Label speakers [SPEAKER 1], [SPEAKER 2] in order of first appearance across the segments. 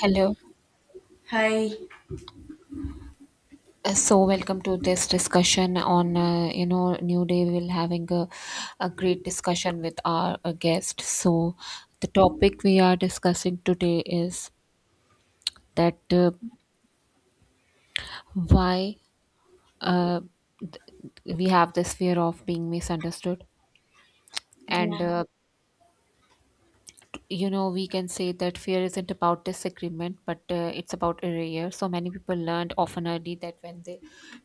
[SPEAKER 1] Hello.
[SPEAKER 2] Hi.
[SPEAKER 1] So welcome to this discussion on new day. We'll having a great discussion with our guest. So the topic we are discussing today is that why uh, we have this fear of being misunderstood and
[SPEAKER 2] Yeah,
[SPEAKER 1] uh, you know we can say that fear isn't about disagreement but it's about erasure. So many people learned often early that when they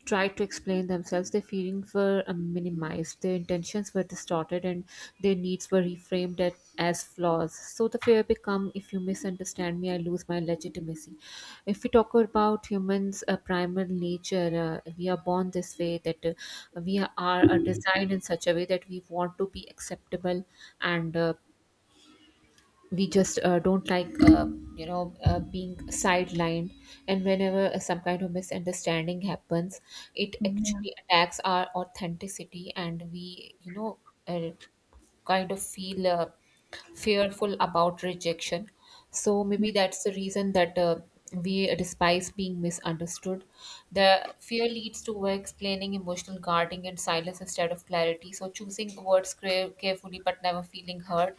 [SPEAKER 1] tried to explain themselves, their feelings were minimized, their intentions were distorted and their needs were reframed as flaws. So the fear become, if you misunderstand me, I lose my legitimacy. If we talk about humans primal nature, we are born this way that we are, are designed in such a way that we want to be acceptable, and we just don't like being sidelined. And whenever some kind of misunderstanding happens, it
[SPEAKER 2] Yeah.
[SPEAKER 1] actually attacks our authenticity and we uh, kind of feel fearful about rejection. So maybe that's the reason that we despise being misunderstood. The fear leads to over explaining, emotional guarding and silence instead of clarity, so choosing words carefully but never feeling hurt.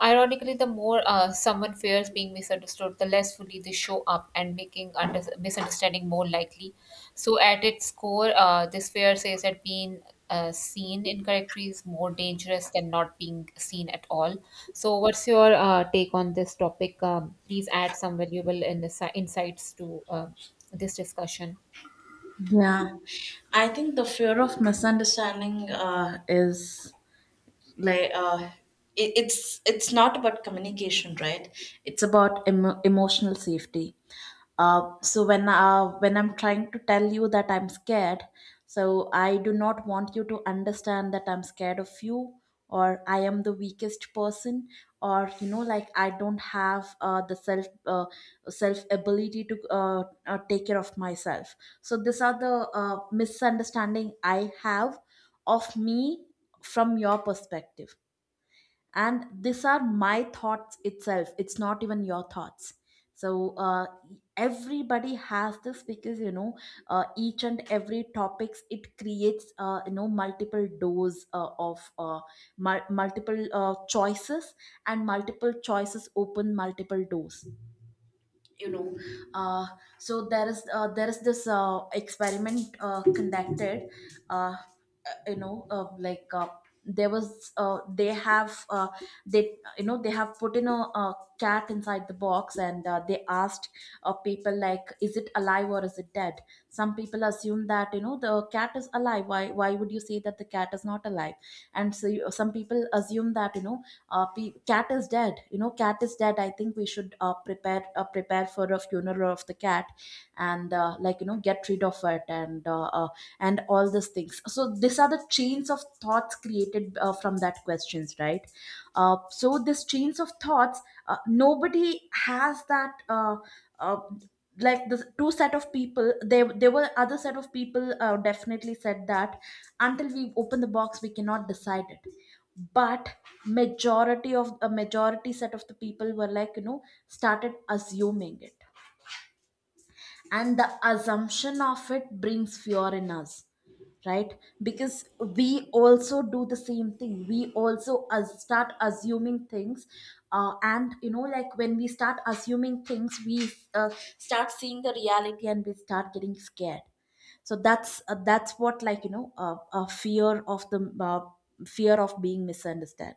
[SPEAKER 1] Ironically, the more someone fears being misunderstood, the less fully they show up, and making misunderstanding more likely. So, at its core, this fear says that being seen incorrectly is more dangerous than not being seen at all. So, what's your take on this topic? Please add some valuable insights to this discussion.
[SPEAKER 2] Yeah. I think the fear of misunderstanding is like it's not about communication, right? It's about emotional safety. So when I'm trying to tell you that I'm scared, so I do not want you to understand that I'm scared of you, or I am the weakest person, or you know, like, I don't have the self self ability to take care of myself. So these are the misunderstanding I have of me from your perspective, and these are my thoughts itself, it's not even your thoughts. So everybody has this, because, you know, each and every topics, it creates, you know, multiple doors of multiple choices, and multiple choices open multiple doors, you know. uh, so there is, there is this experiment conducted, uh, uh, you know, like there was, they have, they, you know, they have put in a cat inside the box, and they asked, people, like, is it alive, or is it dead? Some people assume that, you know, the cat is alive. Why would you say that the cat is not alive? And so you, some people assume that, you know, cat is dead. You know, cat is dead, I think we should prepare for a funeral of the cat, and like, you know, get rid of it, and all these things. So these are the chains of thoughts created, from that questions, right? So these chains of thoughts, nobody has that. Uh, like, the two set of people, there were other set of people definitely said that until we open the box we cannot decide it. But, majority of a majority set of the people were, like, you know, started assuming it. And the assumption of it brings fear in us, right? Because we also do the same thing, we also as start assuming things, and, you know, like, when we start assuming things we start seeing the reality, and we start getting scared. So that's, that's what, like, you know, a fear of the, fear of being misunderstood.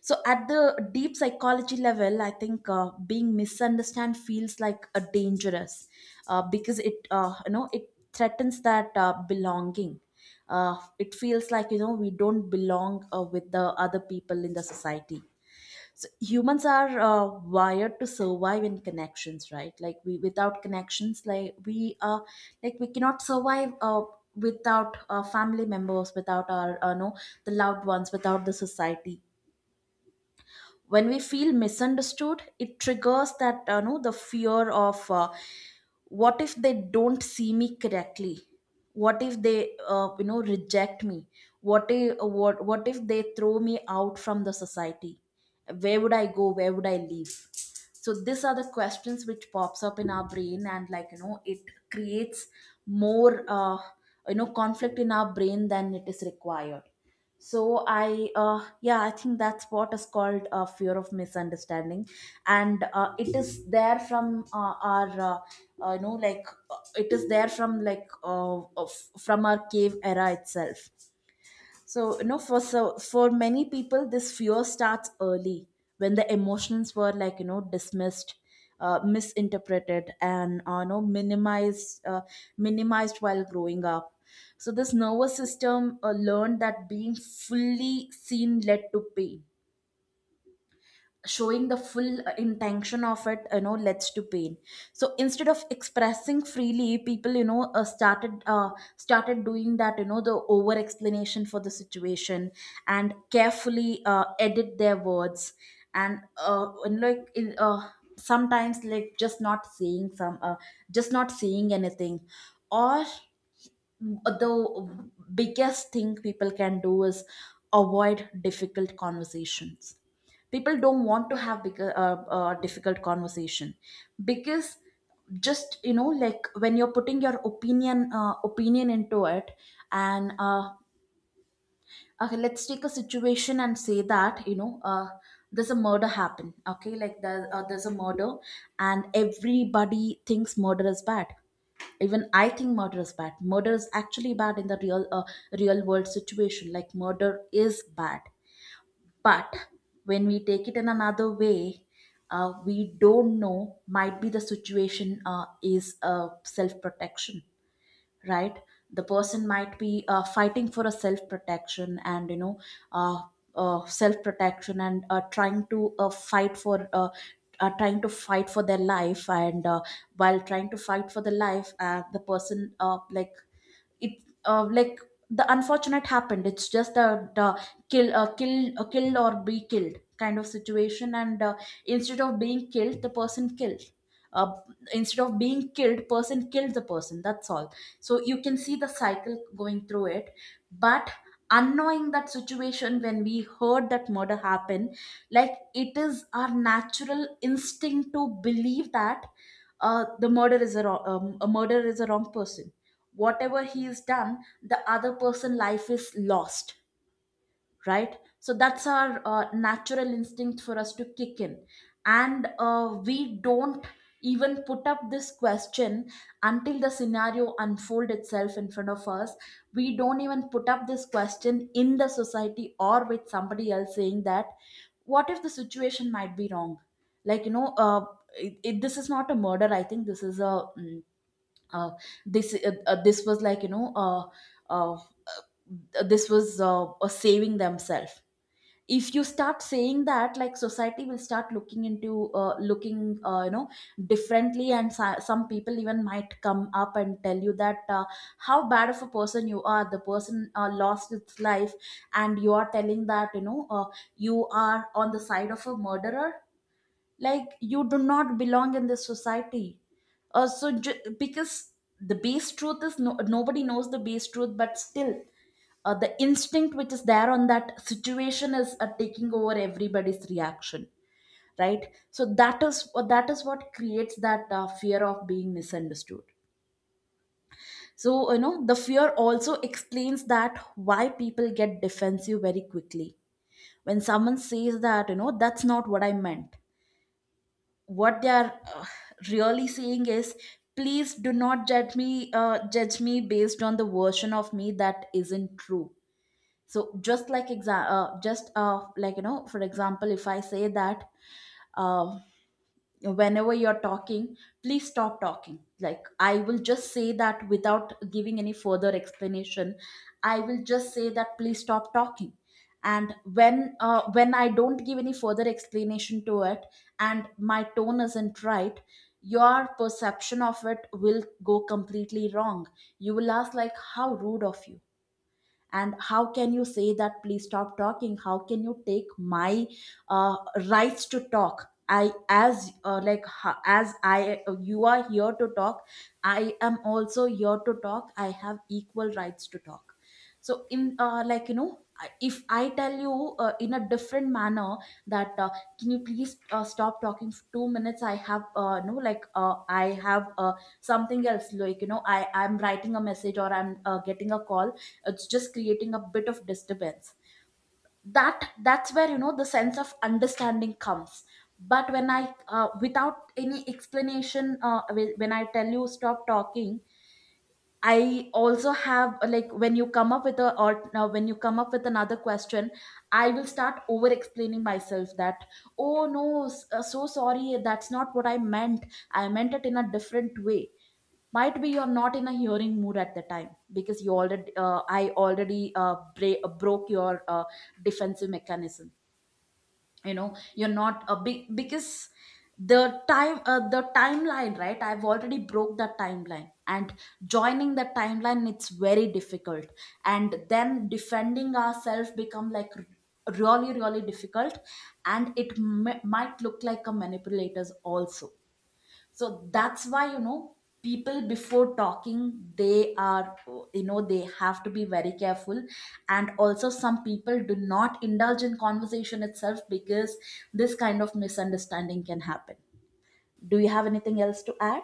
[SPEAKER 2] So, at the deep psychology level, I think being misunderstood feels like a dangerous, because it, you know, it threatens that belonging. It feels like, you know, we don't belong with the other people in the society. So humans are wired to survive in connections, right? Like, we without connections, like, we like we cannot survive without our family members, without our no, the loved ones, without the society. When we feel misunderstood, it triggers that, no, the fear of, what if they don't see me correctly? What if they, you know, reject me? What if, what if they throw me out from the society? Where would I go? Where would I leave? So these are the questions which pops up in our brain, and, like, you know, it creates more, you know, conflict in our brain than it is required. So I, yeah, I think that's what is called fear of misunderstanding. And it is there from, our you know, like it is there from, from our cave era itself. So, you know, for so for many people, this fear starts early, when the emotions were, like, you know, dismissed, misinterpreted, and, you know, minimized, while growing up. So, this nervous system learned that being fully seen led to pain, showing the full intention of it, you know, leads to pain. So instead of expressing freely, people, you know, started doing that, you know, the over explanation for the situation, and carefully edit their words, and like in, sometimes, like, just not saying some, just not saying anything, or the biggest thing people can do is avoid difficult conversations. People don't want to have big, difficult conversation, because, just, you know, like, when you're putting your opinion, opinion into it. And, okay, let's take a situation and say that, you know, there's a murder happen. Okay, like, there, there's a murder, and everybody thinks murder is bad. Even I think murder is bad, murder is actually bad in the real, real world situation, like, murder is bad. But when we take it in another way, we don't know, might be the situation is, self protection, right? The person might be fighting for a self protection, and, you know, uh, self protection, and trying to fight for their life. And while trying to fight for the life, the person, like it like the unfortunate happened. It's just a the killed or be killed kind of situation. And, instead of being killed, the person killed. uh, Instead of being killed, person killed the person, that's all. So you can see the cycle going through it. But, unknowing that situation, when we heard that murder happen, like, it is our natural instinct to believe that, the murder is a, wrong, a murder is a wrong person. Whatever he has done, the other person life is lost, right? So that's our, natural instinct for us to kick in. And we don't even put up this question until the scenario unfold itself in front of us. We don't even put up this question in the society or with somebody else, saying that, what if the situation might be wrong? Like, you know, this is not a murder. I think this is a, uh, this was, like, you know, this was saving themselves. If you start saying that, like, society will start looking into, looking you know, differently, and some people even might come up and tell you that, how bad of a person you are, the person lost its life, and you are telling that, you know, you are on the side of a murderer. Like, you do not belong in this society. Because, the base truth is, nobody knows the base truth. But still, the instinct which is there on that situation is taking over everybody's reaction, right? So that is, that is what creates that, fear of being misunderstood. So, you know, the fear also explains that why people get defensive very quickly, when someone says that, you know, that's not what I meant. What they are, really saying is, please do not judge me, judge me based on the version of me that isn't true. So, just like exa- just like, you know, for example, if I say that, uh, whenever you're talking, please stop talking. Like, I will just say that without giving any further explanation, I will just say that, please stop talking. And when I don't give any further explanation to it, and my tone isn't right, your perception of it will go completely wrong. You will ask, like, how rude of you! And how can you say that, please stop talking? How can you take my, uh, rights to talk? I as as I, you are here to talk, I am also here to talk, I have equal rights to talk. So in, like, you know, if I tell you in a different manner, that, can you please stop talking for 2 minutes? I have, no like I have, something else, like, you know, I'm writing a message, or I'm getting a call, it's just creating a bit of disturbance. That's where, you know, the sense of understanding comes. But, when I without any explanation, when I tell you stop talking, I also have, like, when you come up with a, or, when you come up with another question, I will start over explaining myself, that, oh, no, so sorry, that's not what I meant. I meant it in a different way. Might be you're not in a hearing mood at the time, because you already, I already broke your, defensive mechanism. You know, you're not a big because, the time, the timeline, right? I've already broke the timeline, and joining the timeline, it's very difficult. And then defending ourselves become, really really difficult. And it might look like a manipulators also. So that's why People before talking, they are you know they have to be very careful. And also, some people do not indulge in conversation itself because this kind of misunderstanding can happen. Do you have anything else to add?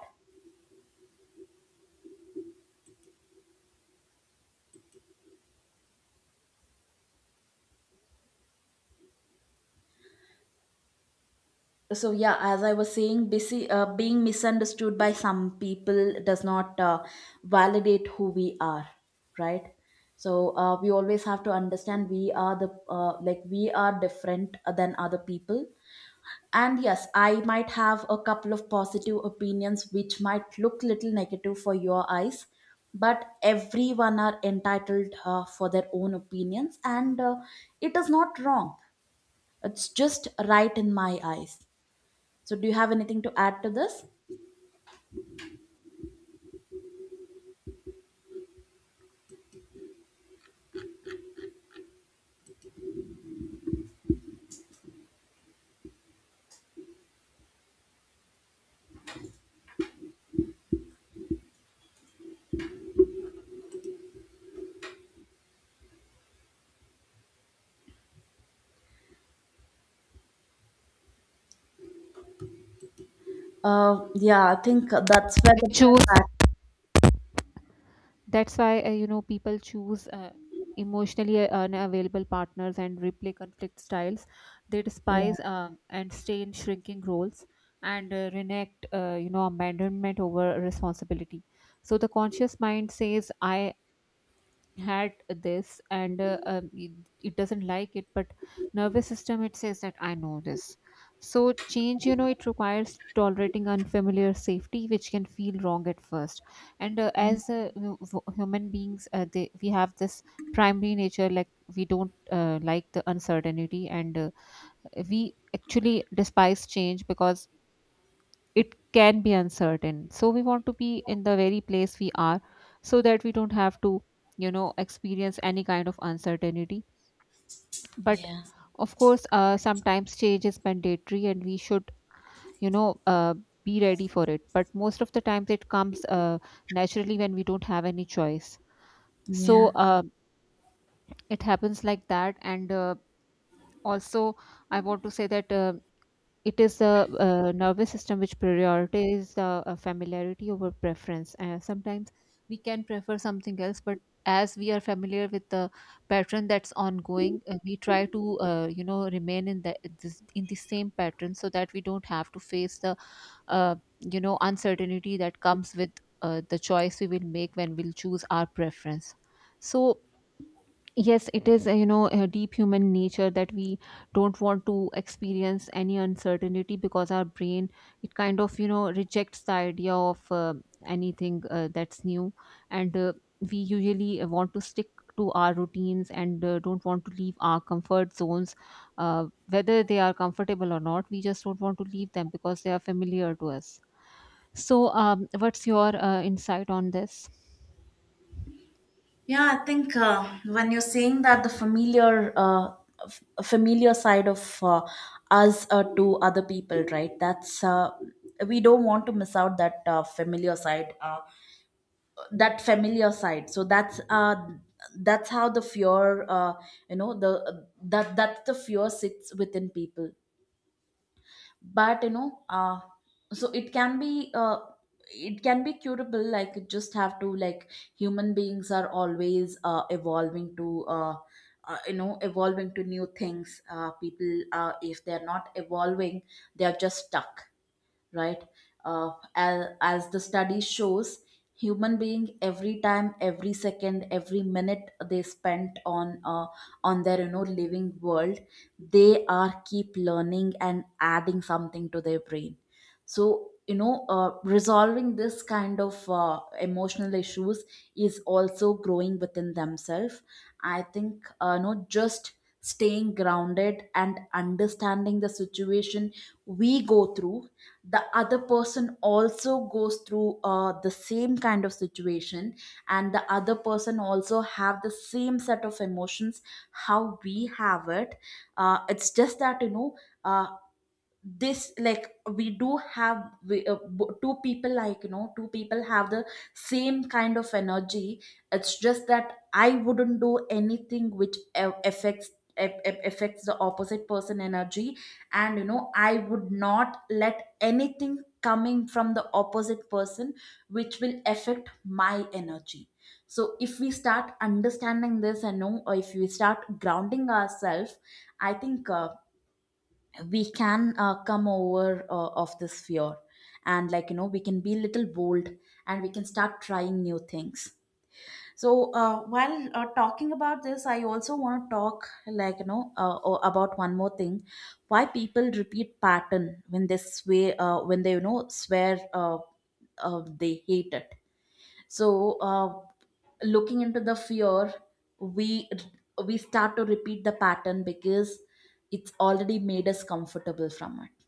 [SPEAKER 2] So yeah, as I was saying, being misunderstood by some people does not validate who we are, right? So we always have to understand we are different than other people. And yes, I might have a couple of positive opinions which might look little negative for your eyes, but everyone are entitled for their own opinions, and it is not wrong. It's just right in my eyes. So, do you have anything to add to this? Yeah, I think that's where the.
[SPEAKER 1] Choose that's why you know people choose emotionally unavailable partners and replay conflict styles they
[SPEAKER 2] Yeah,
[SPEAKER 1] despise, and stay in shrinking roles and reenact, abandonment over responsibility. So the conscious mind says I had this and, it doesn't like it, but nervous system, it says that I know this. So change, you know, it requires tolerating unfamiliar safety, which can feel wrong at first. And as human beings, we have this primary nature. Like, we don't like the uncertainty, and we actually despise change because it can be uncertain. So we want to be in the very place we are so that we don't have to, you know, experience any kind of uncertainty. But
[SPEAKER 2] yeah,
[SPEAKER 1] of course, sometimes change is mandatory and we should, you know, be ready for it, but most of the times it comes naturally when we don't have any choice. So
[SPEAKER 2] yeah.
[SPEAKER 1] it happens like that. And also I want to say that it is a, nervous system which prioritizes familiarity over preference. Sometimes we can prefer something else, but as we are familiar with the pattern that's ongoing, we try to remain in in the same pattern so that we don't have to face the uh, uncertainty that comes with the choice we will make when we'll choose our preference. So yes, it is, you know, a deep human nature that we don't want to experience any uncertainty because our brain, it kind of, you know, rejects the idea of anything that's new. And we usually want to stick to our routines and don't want to leave our comfort zones, whether they are comfortable or not. We just don't want to leave them because they are familiar to us. So, what's your insight on this?
[SPEAKER 2] Yeah, I think when you're saying that the familiar, familiar side of us to other people, right? That's we don't want to miss out that familiar side, that familiar side. So that's how the fear, you know, the that that the fear sits within people. But you know, so it can be curable, like you just have to, like, human beings are always evolving to, evolving to new things. People, if they're not evolving, they're just stuck, right. As the study shows, human being, every time, every second, every minute they spent on, on their you know living world, they are keep learning and adding something to their brain. So you know, resolving this kind of emotional issues is also growing within themselves. I think, no just staying grounded and understanding the situation we go through, the other person also goes through the same kind of situation, and the other person also have the same set of emotions how we have it. It's just that you know, uh, this, like, we do have we, two people, like you know, two people have the same kind of energy. It's just that I wouldn't do anything which affects affects the opposite person energy. And you know, I would not let anything coming from the opposite person which will affect my energy. So if we start understanding this and know, or if we start grounding ourselves, I think we can come over of this fear, and like you know, we can be a little bold and we can start trying new things. So while talking about this, I also want to talk, like you know, about one more thing: why people repeat pattern when they swear, when they you know swear, they hate it. So looking into the fear, we we start to repeat the pattern because it's already made us comfortable from it,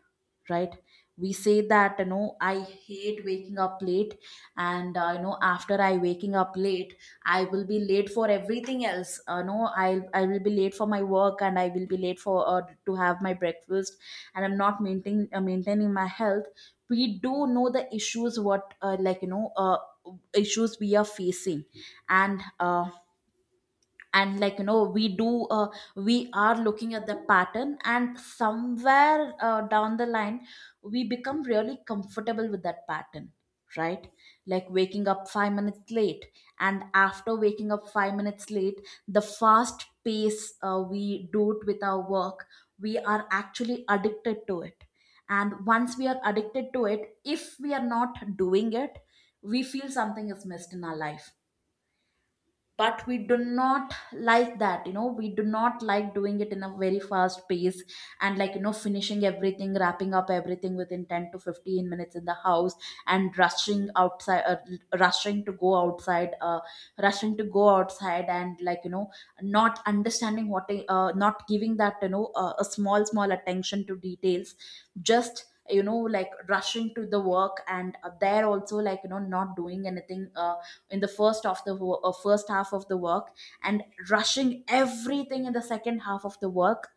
[SPEAKER 2] right. We say that you know, I hate waking up late, and you know, after I waking up late, I will be late for everything else. No, I will be late for my work, and I will be late for to have my breakfast, and I'm not maintaining maintaining my health. We do know the issues what, issues we are facing. And uh, and like you know, we do, we are looking at the pattern, and somewhere down the line we become really comfortable with that pattern, right. Like waking up 5 minutes late, and after waking up 5 minutes late, the fast pace we do it with our work, we are actually addicted to it. And once we are addicted to it, if we are not doing it, we feel something is missed in our life. But we do not, like that you know, we do not like doing it in a very fast pace, and like you know, finishing everything, wrapping up everything within 10 to 15 minutes in the house, and rushing outside, rushing to go outside uh, rushing to go outside, and like you know, not understanding what not giving that you know a small small attention to details. Just you know, like rushing to the work, and there also, like you know, not doing anything in the first half of the work, and rushing everything in the second half of the work.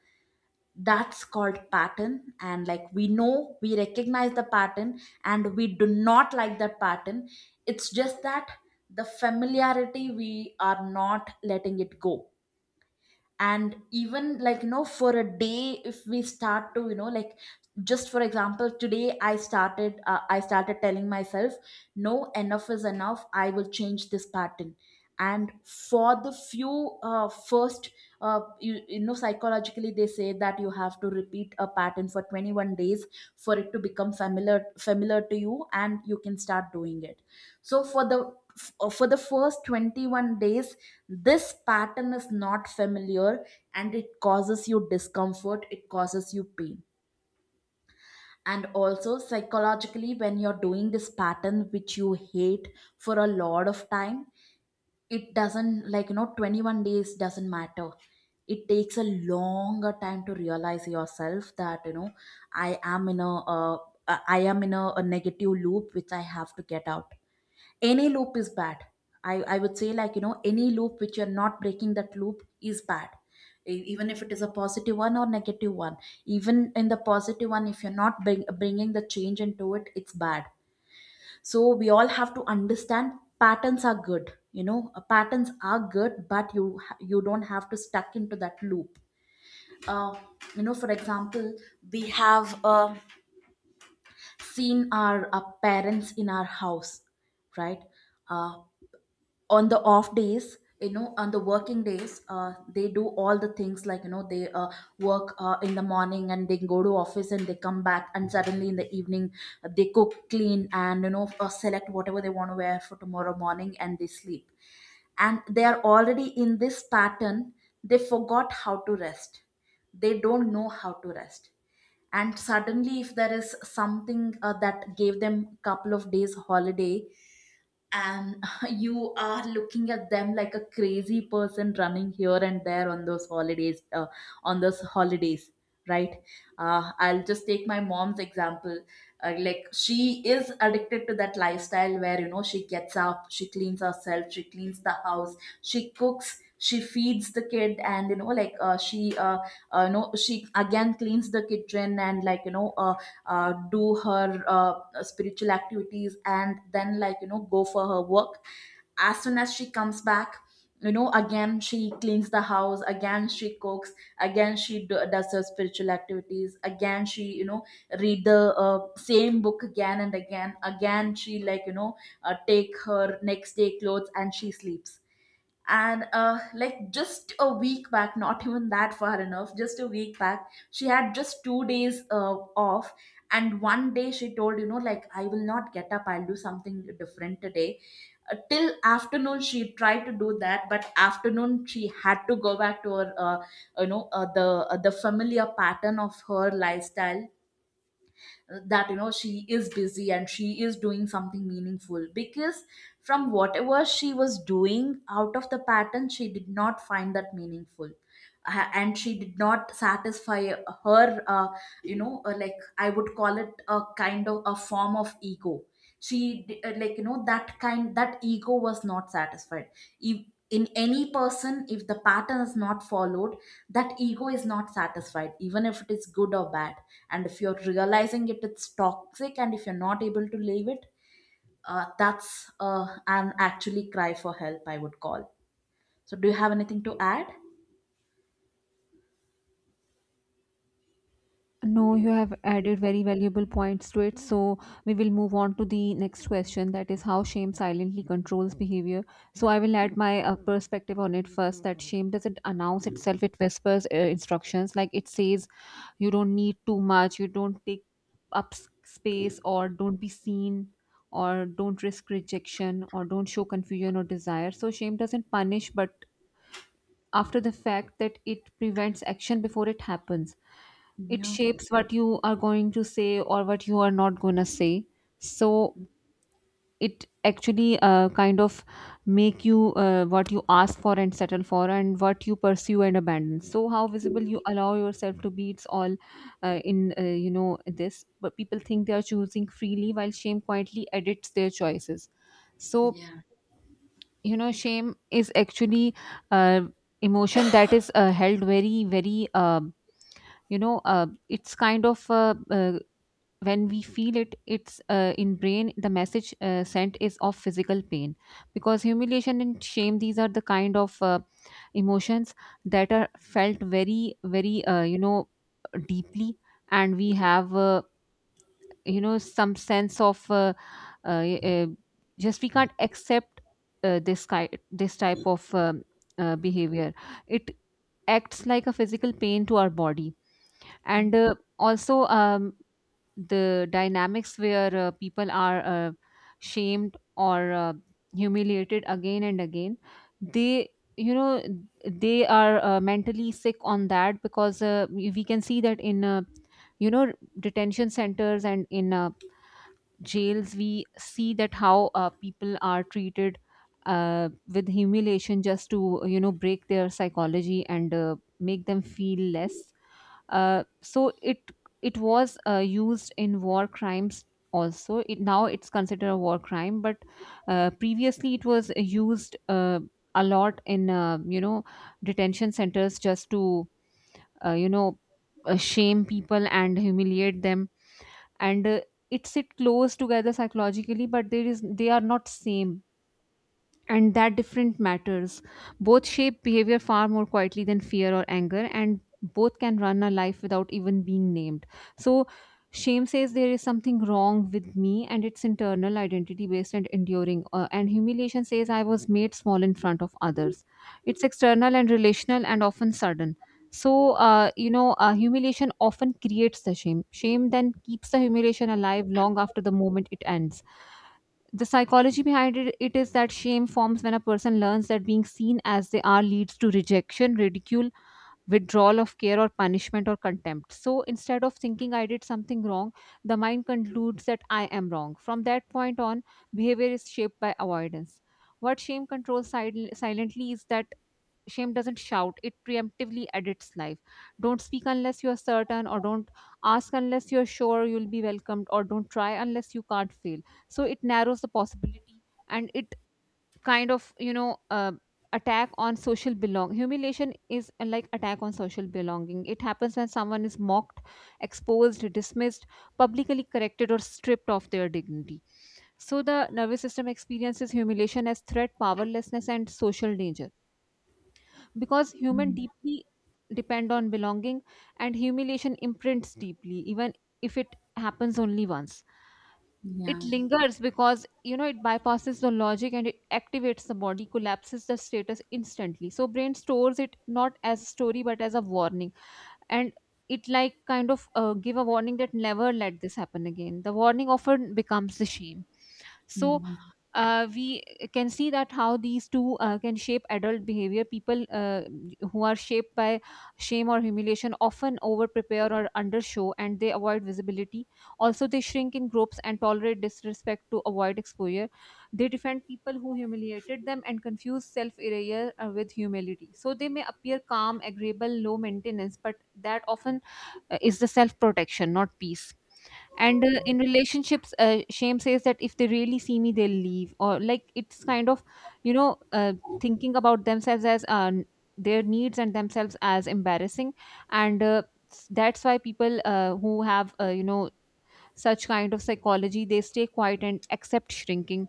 [SPEAKER 2] That's called pattern, and like we know, we recognize the pattern and we do not like that pattern. It's just that the familiarity we are not letting it go. And even like you know, for a day, if we start to you know like, just for example, today I started, I started telling myself, no, enough is enough, I will change this pattern. And for the few, first, you know psychologically they say that you have to repeat a pattern for 21 days for it to become familiar to you, and you can start doing it. So for the, for the first 21 days this pattern is not familiar, and it causes you discomfort, it causes you pain. And also psychologically when you're doing this pattern which you hate for a lot of time, it doesn't, like you know, 21 days doesn't matter, it takes a longer time to realize yourself that you know, i am in a uh, I am in a negative loop which I have to get out. Any loop is bad. I would say, like you know, any loop which you're not breaking, that loop is bad. Even if it is a positive one or negative one, even in the positive one, if you're not bringing the change into it, it's bad. So we all have to understand, patterns are good, you know, patterns are good, but you you don't have to stuck into that loop. uh, you know, for example, we have seen our parents in our house, right? Uh, on the off days, you know, on the working days they do all the things, like you know, they work in the morning and they go to office and they come back, and suddenly in the evening they cook, clean, and you know, select whatever they want to wear for tomorrow morning, and they sleep, and they are already in this pattern. They forgot how to rest, they don't know how to rest. And suddenly if there is something that gave them couple of days holiday, and you are looking at them like a crazy person running here and there on those holidays, on those holidays, right. I'll just take my mom's example. Like, she is addicted to that lifestyle where you know, she gets up, she cleans herself, she cleans the house, she cooks, she feeds the kid, and you know, like, she you know she again cleans the kitchen, and like you know, do her, spiritual activities, and then like you know, go for her work. As soon as she comes back, you know, again she cleans the house, again she cooks, again she does her spiritual activities, again she you know read the same book again and again, again she like you know, take her next day clothes and she sleeps. And like, just a week back, not even that far, enough, just a week back she had just 2 days off, and one day she told you know like, I will not get up, I'll do something different today. Till afternoon she tried to do that, but afternoon she had to go back to her you know, the familiar pattern of her lifestyle, that you know, she is busy and she is doing something meaningful because from whatever she was doing out of the pattern, she did not find that meaningful. And she did not satisfy her, you know, like I would call it a kind of a form of ego. She like you know, that kind, that ego was not satisfied. If in any person if the pattern is not followed, that ego is not satisfied, even if it is good or bad. And if you're realizing it it's toxic and if you're not able to leave it, that's an actually cry for help, I would call. So, do you have anything to add?
[SPEAKER 1] No, you have added very valuable points to it. So we will move on to the next question, that is how shame silently controls behavior. So I will add my perspective on it first, that shame doesn't announce itself, it whispers instructions. Like it says, you don't need too much, you don't take up space, or don't be seen, or don't risk rejection, or don't show confusion or desire. So shame doesn't punish, but after the fact, that it prevents action before it happens. It
[SPEAKER 2] Yeah.
[SPEAKER 1] shapes what you are going to say or what you are not going to say. So it actually kind of make you what you ask for and settle for and what you pursue and abandon, so how visible you allow yourself to be. It's all in this, but people think they are choosing freely while shame quietly edits their choices. So
[SPEAKER 2] Yeah.
[SPEAKER 1] you know, shame is actually uh, emotion that is held very, very, you know it's kind of when we feel it, it's in brain, the message sent is of physical pain because humiliation and shame, these are the kind of emotions that are felt very, very, deeply. And we have, some sense of uh, uh, just we can't accept this this type of behavior. It acts like a physical pain to our body. And also, the dynamics where people are shamed or humiliated again and again, they, you know, they are mentally sick on that, because we can see that in, you know detention centers and in jails. We see that how people are treated with humiliation just to, you know, break their psychology and make them feel less. So it was used in war crimes also. It, now it's considered a war crime, but previously it was used a lot in, detention centers, just to uh, you know shame people and humiliate them. And. Uh, it sit close together psychologically, but there is, they are not same, and that different matters. Both shape behavior far more quietly than fear or anger, and both can run a life without even being named. So shame says there is something wrong with me, and it's internal, identity based and enduring, and humiliation says I was made small in front of others. It's external and relational and often sudden. So humiliation often creates the shame. Shame then keeps the humiliation alive long after the moment it ends. The psychology behind it, it is that shame forms when a person learns that being seen as they are leads to rejection, ridicule, withdrawal of care, or punishment or contempt. So instead of thinking I did something wrong, the mind concludes that I am wrong. From that point on, behavior is shaped by avoidance. What shame controls silently is that shame doesn't shout, it preemptively edits life. Don't speak unless you're certain, or don't ask unless you're sure you'll be welcomed, or don't try unless you can't fail. So it narrows the possibility. And it kind of, attack on social belong. Humiliation is like attack on social belonging. It happens when someone is mocked, exposed, dismissed, publicly corrected or stripped of their dignity. So the nervous system experiences humiliation as threat, powerlessness and social danger, because human deeply depend on belonging, and humiliation imprints deeply even if it happens only once. It
[SPEAKER 2] Yeah.
[SPEAKER 1] lingers because, you know, it bypasses the logic and it activates the body, collapses the status instantly. So brain stores it not as a story but as a warning. And it like kind of give a warning that never let this happen again. The warning often becomes the shame. So
[SPEAKER 2] Mm.
[SPEAKER 1] we can see that how these two can shape adult behavior. People who are shaped by shame or humiliation often over prepare or undershow and they avoid visibility. Also, they shrink in groups and tolerate disrespect to avoid exposure. They defend people who humiliated them and confuse self erasure with humility. So, they may appear calm, agreeable, low maintenance, but that often is the self protection, not peace. And in relationships, shame says that if they really see me, they'll leave. Or like it's kind of, you know, thinking about themselves as, their needs and themselves as embarrassing. And that's why people who have, you know, such kind of psychology, they stay quiet and accept shrinking.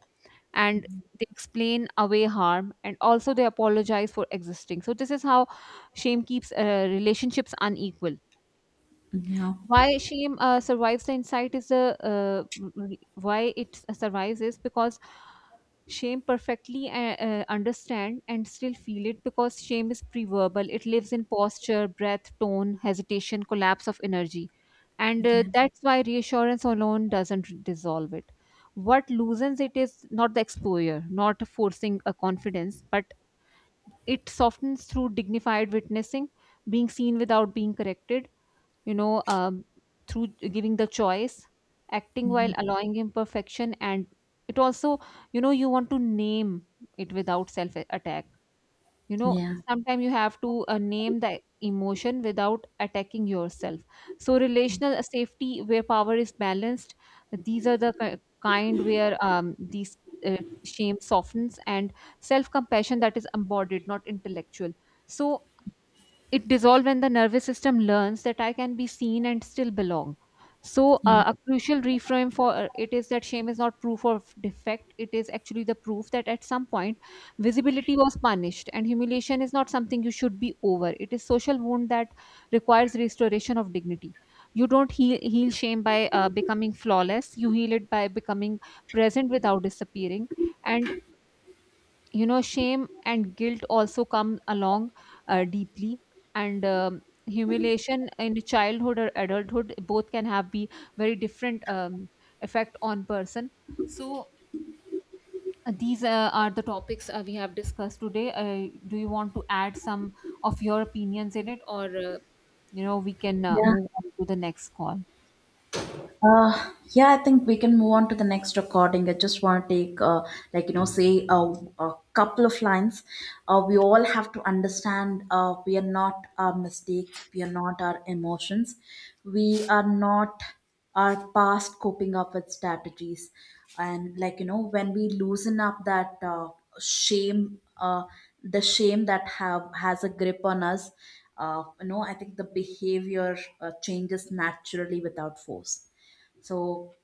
[SPEAKER 1] And they explain away harm, and also they apologize for existing. So, this is how shame keeps relationships unequal.
[SPEAKER 2] Yeah.
[SPEAKER 1] Why shame survives, the insight is why it survives is because shame perfectly understand and still feel it, because shame is pre-verbal, it lives in posture, breath, tone, hesitation, collapse of energy. And
[SPEAKER 2] Yeah.
[SPEAKER 1] that's why reassurance alone doesn't dissolve it. What loosens it is not the exposure, not forcing a confidence, but it softens through dignified witnessing, being seen without being corrected. You know, through giving the choice, acting while
[SPEAKER 2] Yeah.
[SPEAKER 1] allowing imperfection, and it also, you know, you want to name it without self attack. You know,
[SPEAKER 2] Yeah.
[SPEAKER 1] sometimes you have to name the emotion without attacking yourself. So, relational safety where power is balanced, these are the kind where these uh, shame softens, and self compassion that is embodied, not intellectual. So, it dissolves when the nervous system learns that I can be seen and still belong. So, a crucial reframe for it is that shame is not proof of defect. It is actually the proof that at some point, visibility was punished, and humiliation is not something you should be over. It is social wound that requires restoration of dignity. You don't heal shame by becoming flawless. You heal it by becoming present without disappearing. And you know shame and guilt also come along deeply, and humiliation in childhood or adulthood, both can have be very different effect on person. So these are the topics we have discussed today. Do you want to add some of your opinions in it, or we can
[SPEAKER 2] Yeah.
[SPEAKER 1] move on to the next call?
[SPEAKER 2] Yeah, I think we can move on to the next recording. I just want to take, like, you know, say a couple of lines. We all have to understand, we are not our mistakes, we are not our emotions, we are not our past coping up with strategies. And, like, you know, when we loosen up that shame, the shame that have has a grip on us, you know, I think the behavior changes naturally without force. So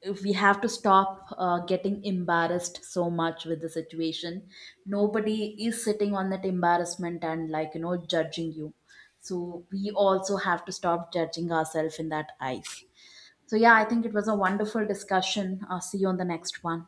[SPEAKER 2] if we have to stop getting embarrassed so much with the situation. Nobody is sitting on that embarrassment and like you know judging you. So we also have to stop judging ourselves in that eyes. So yeah, I think it was a wonderful discussion. I'll see you on the next one.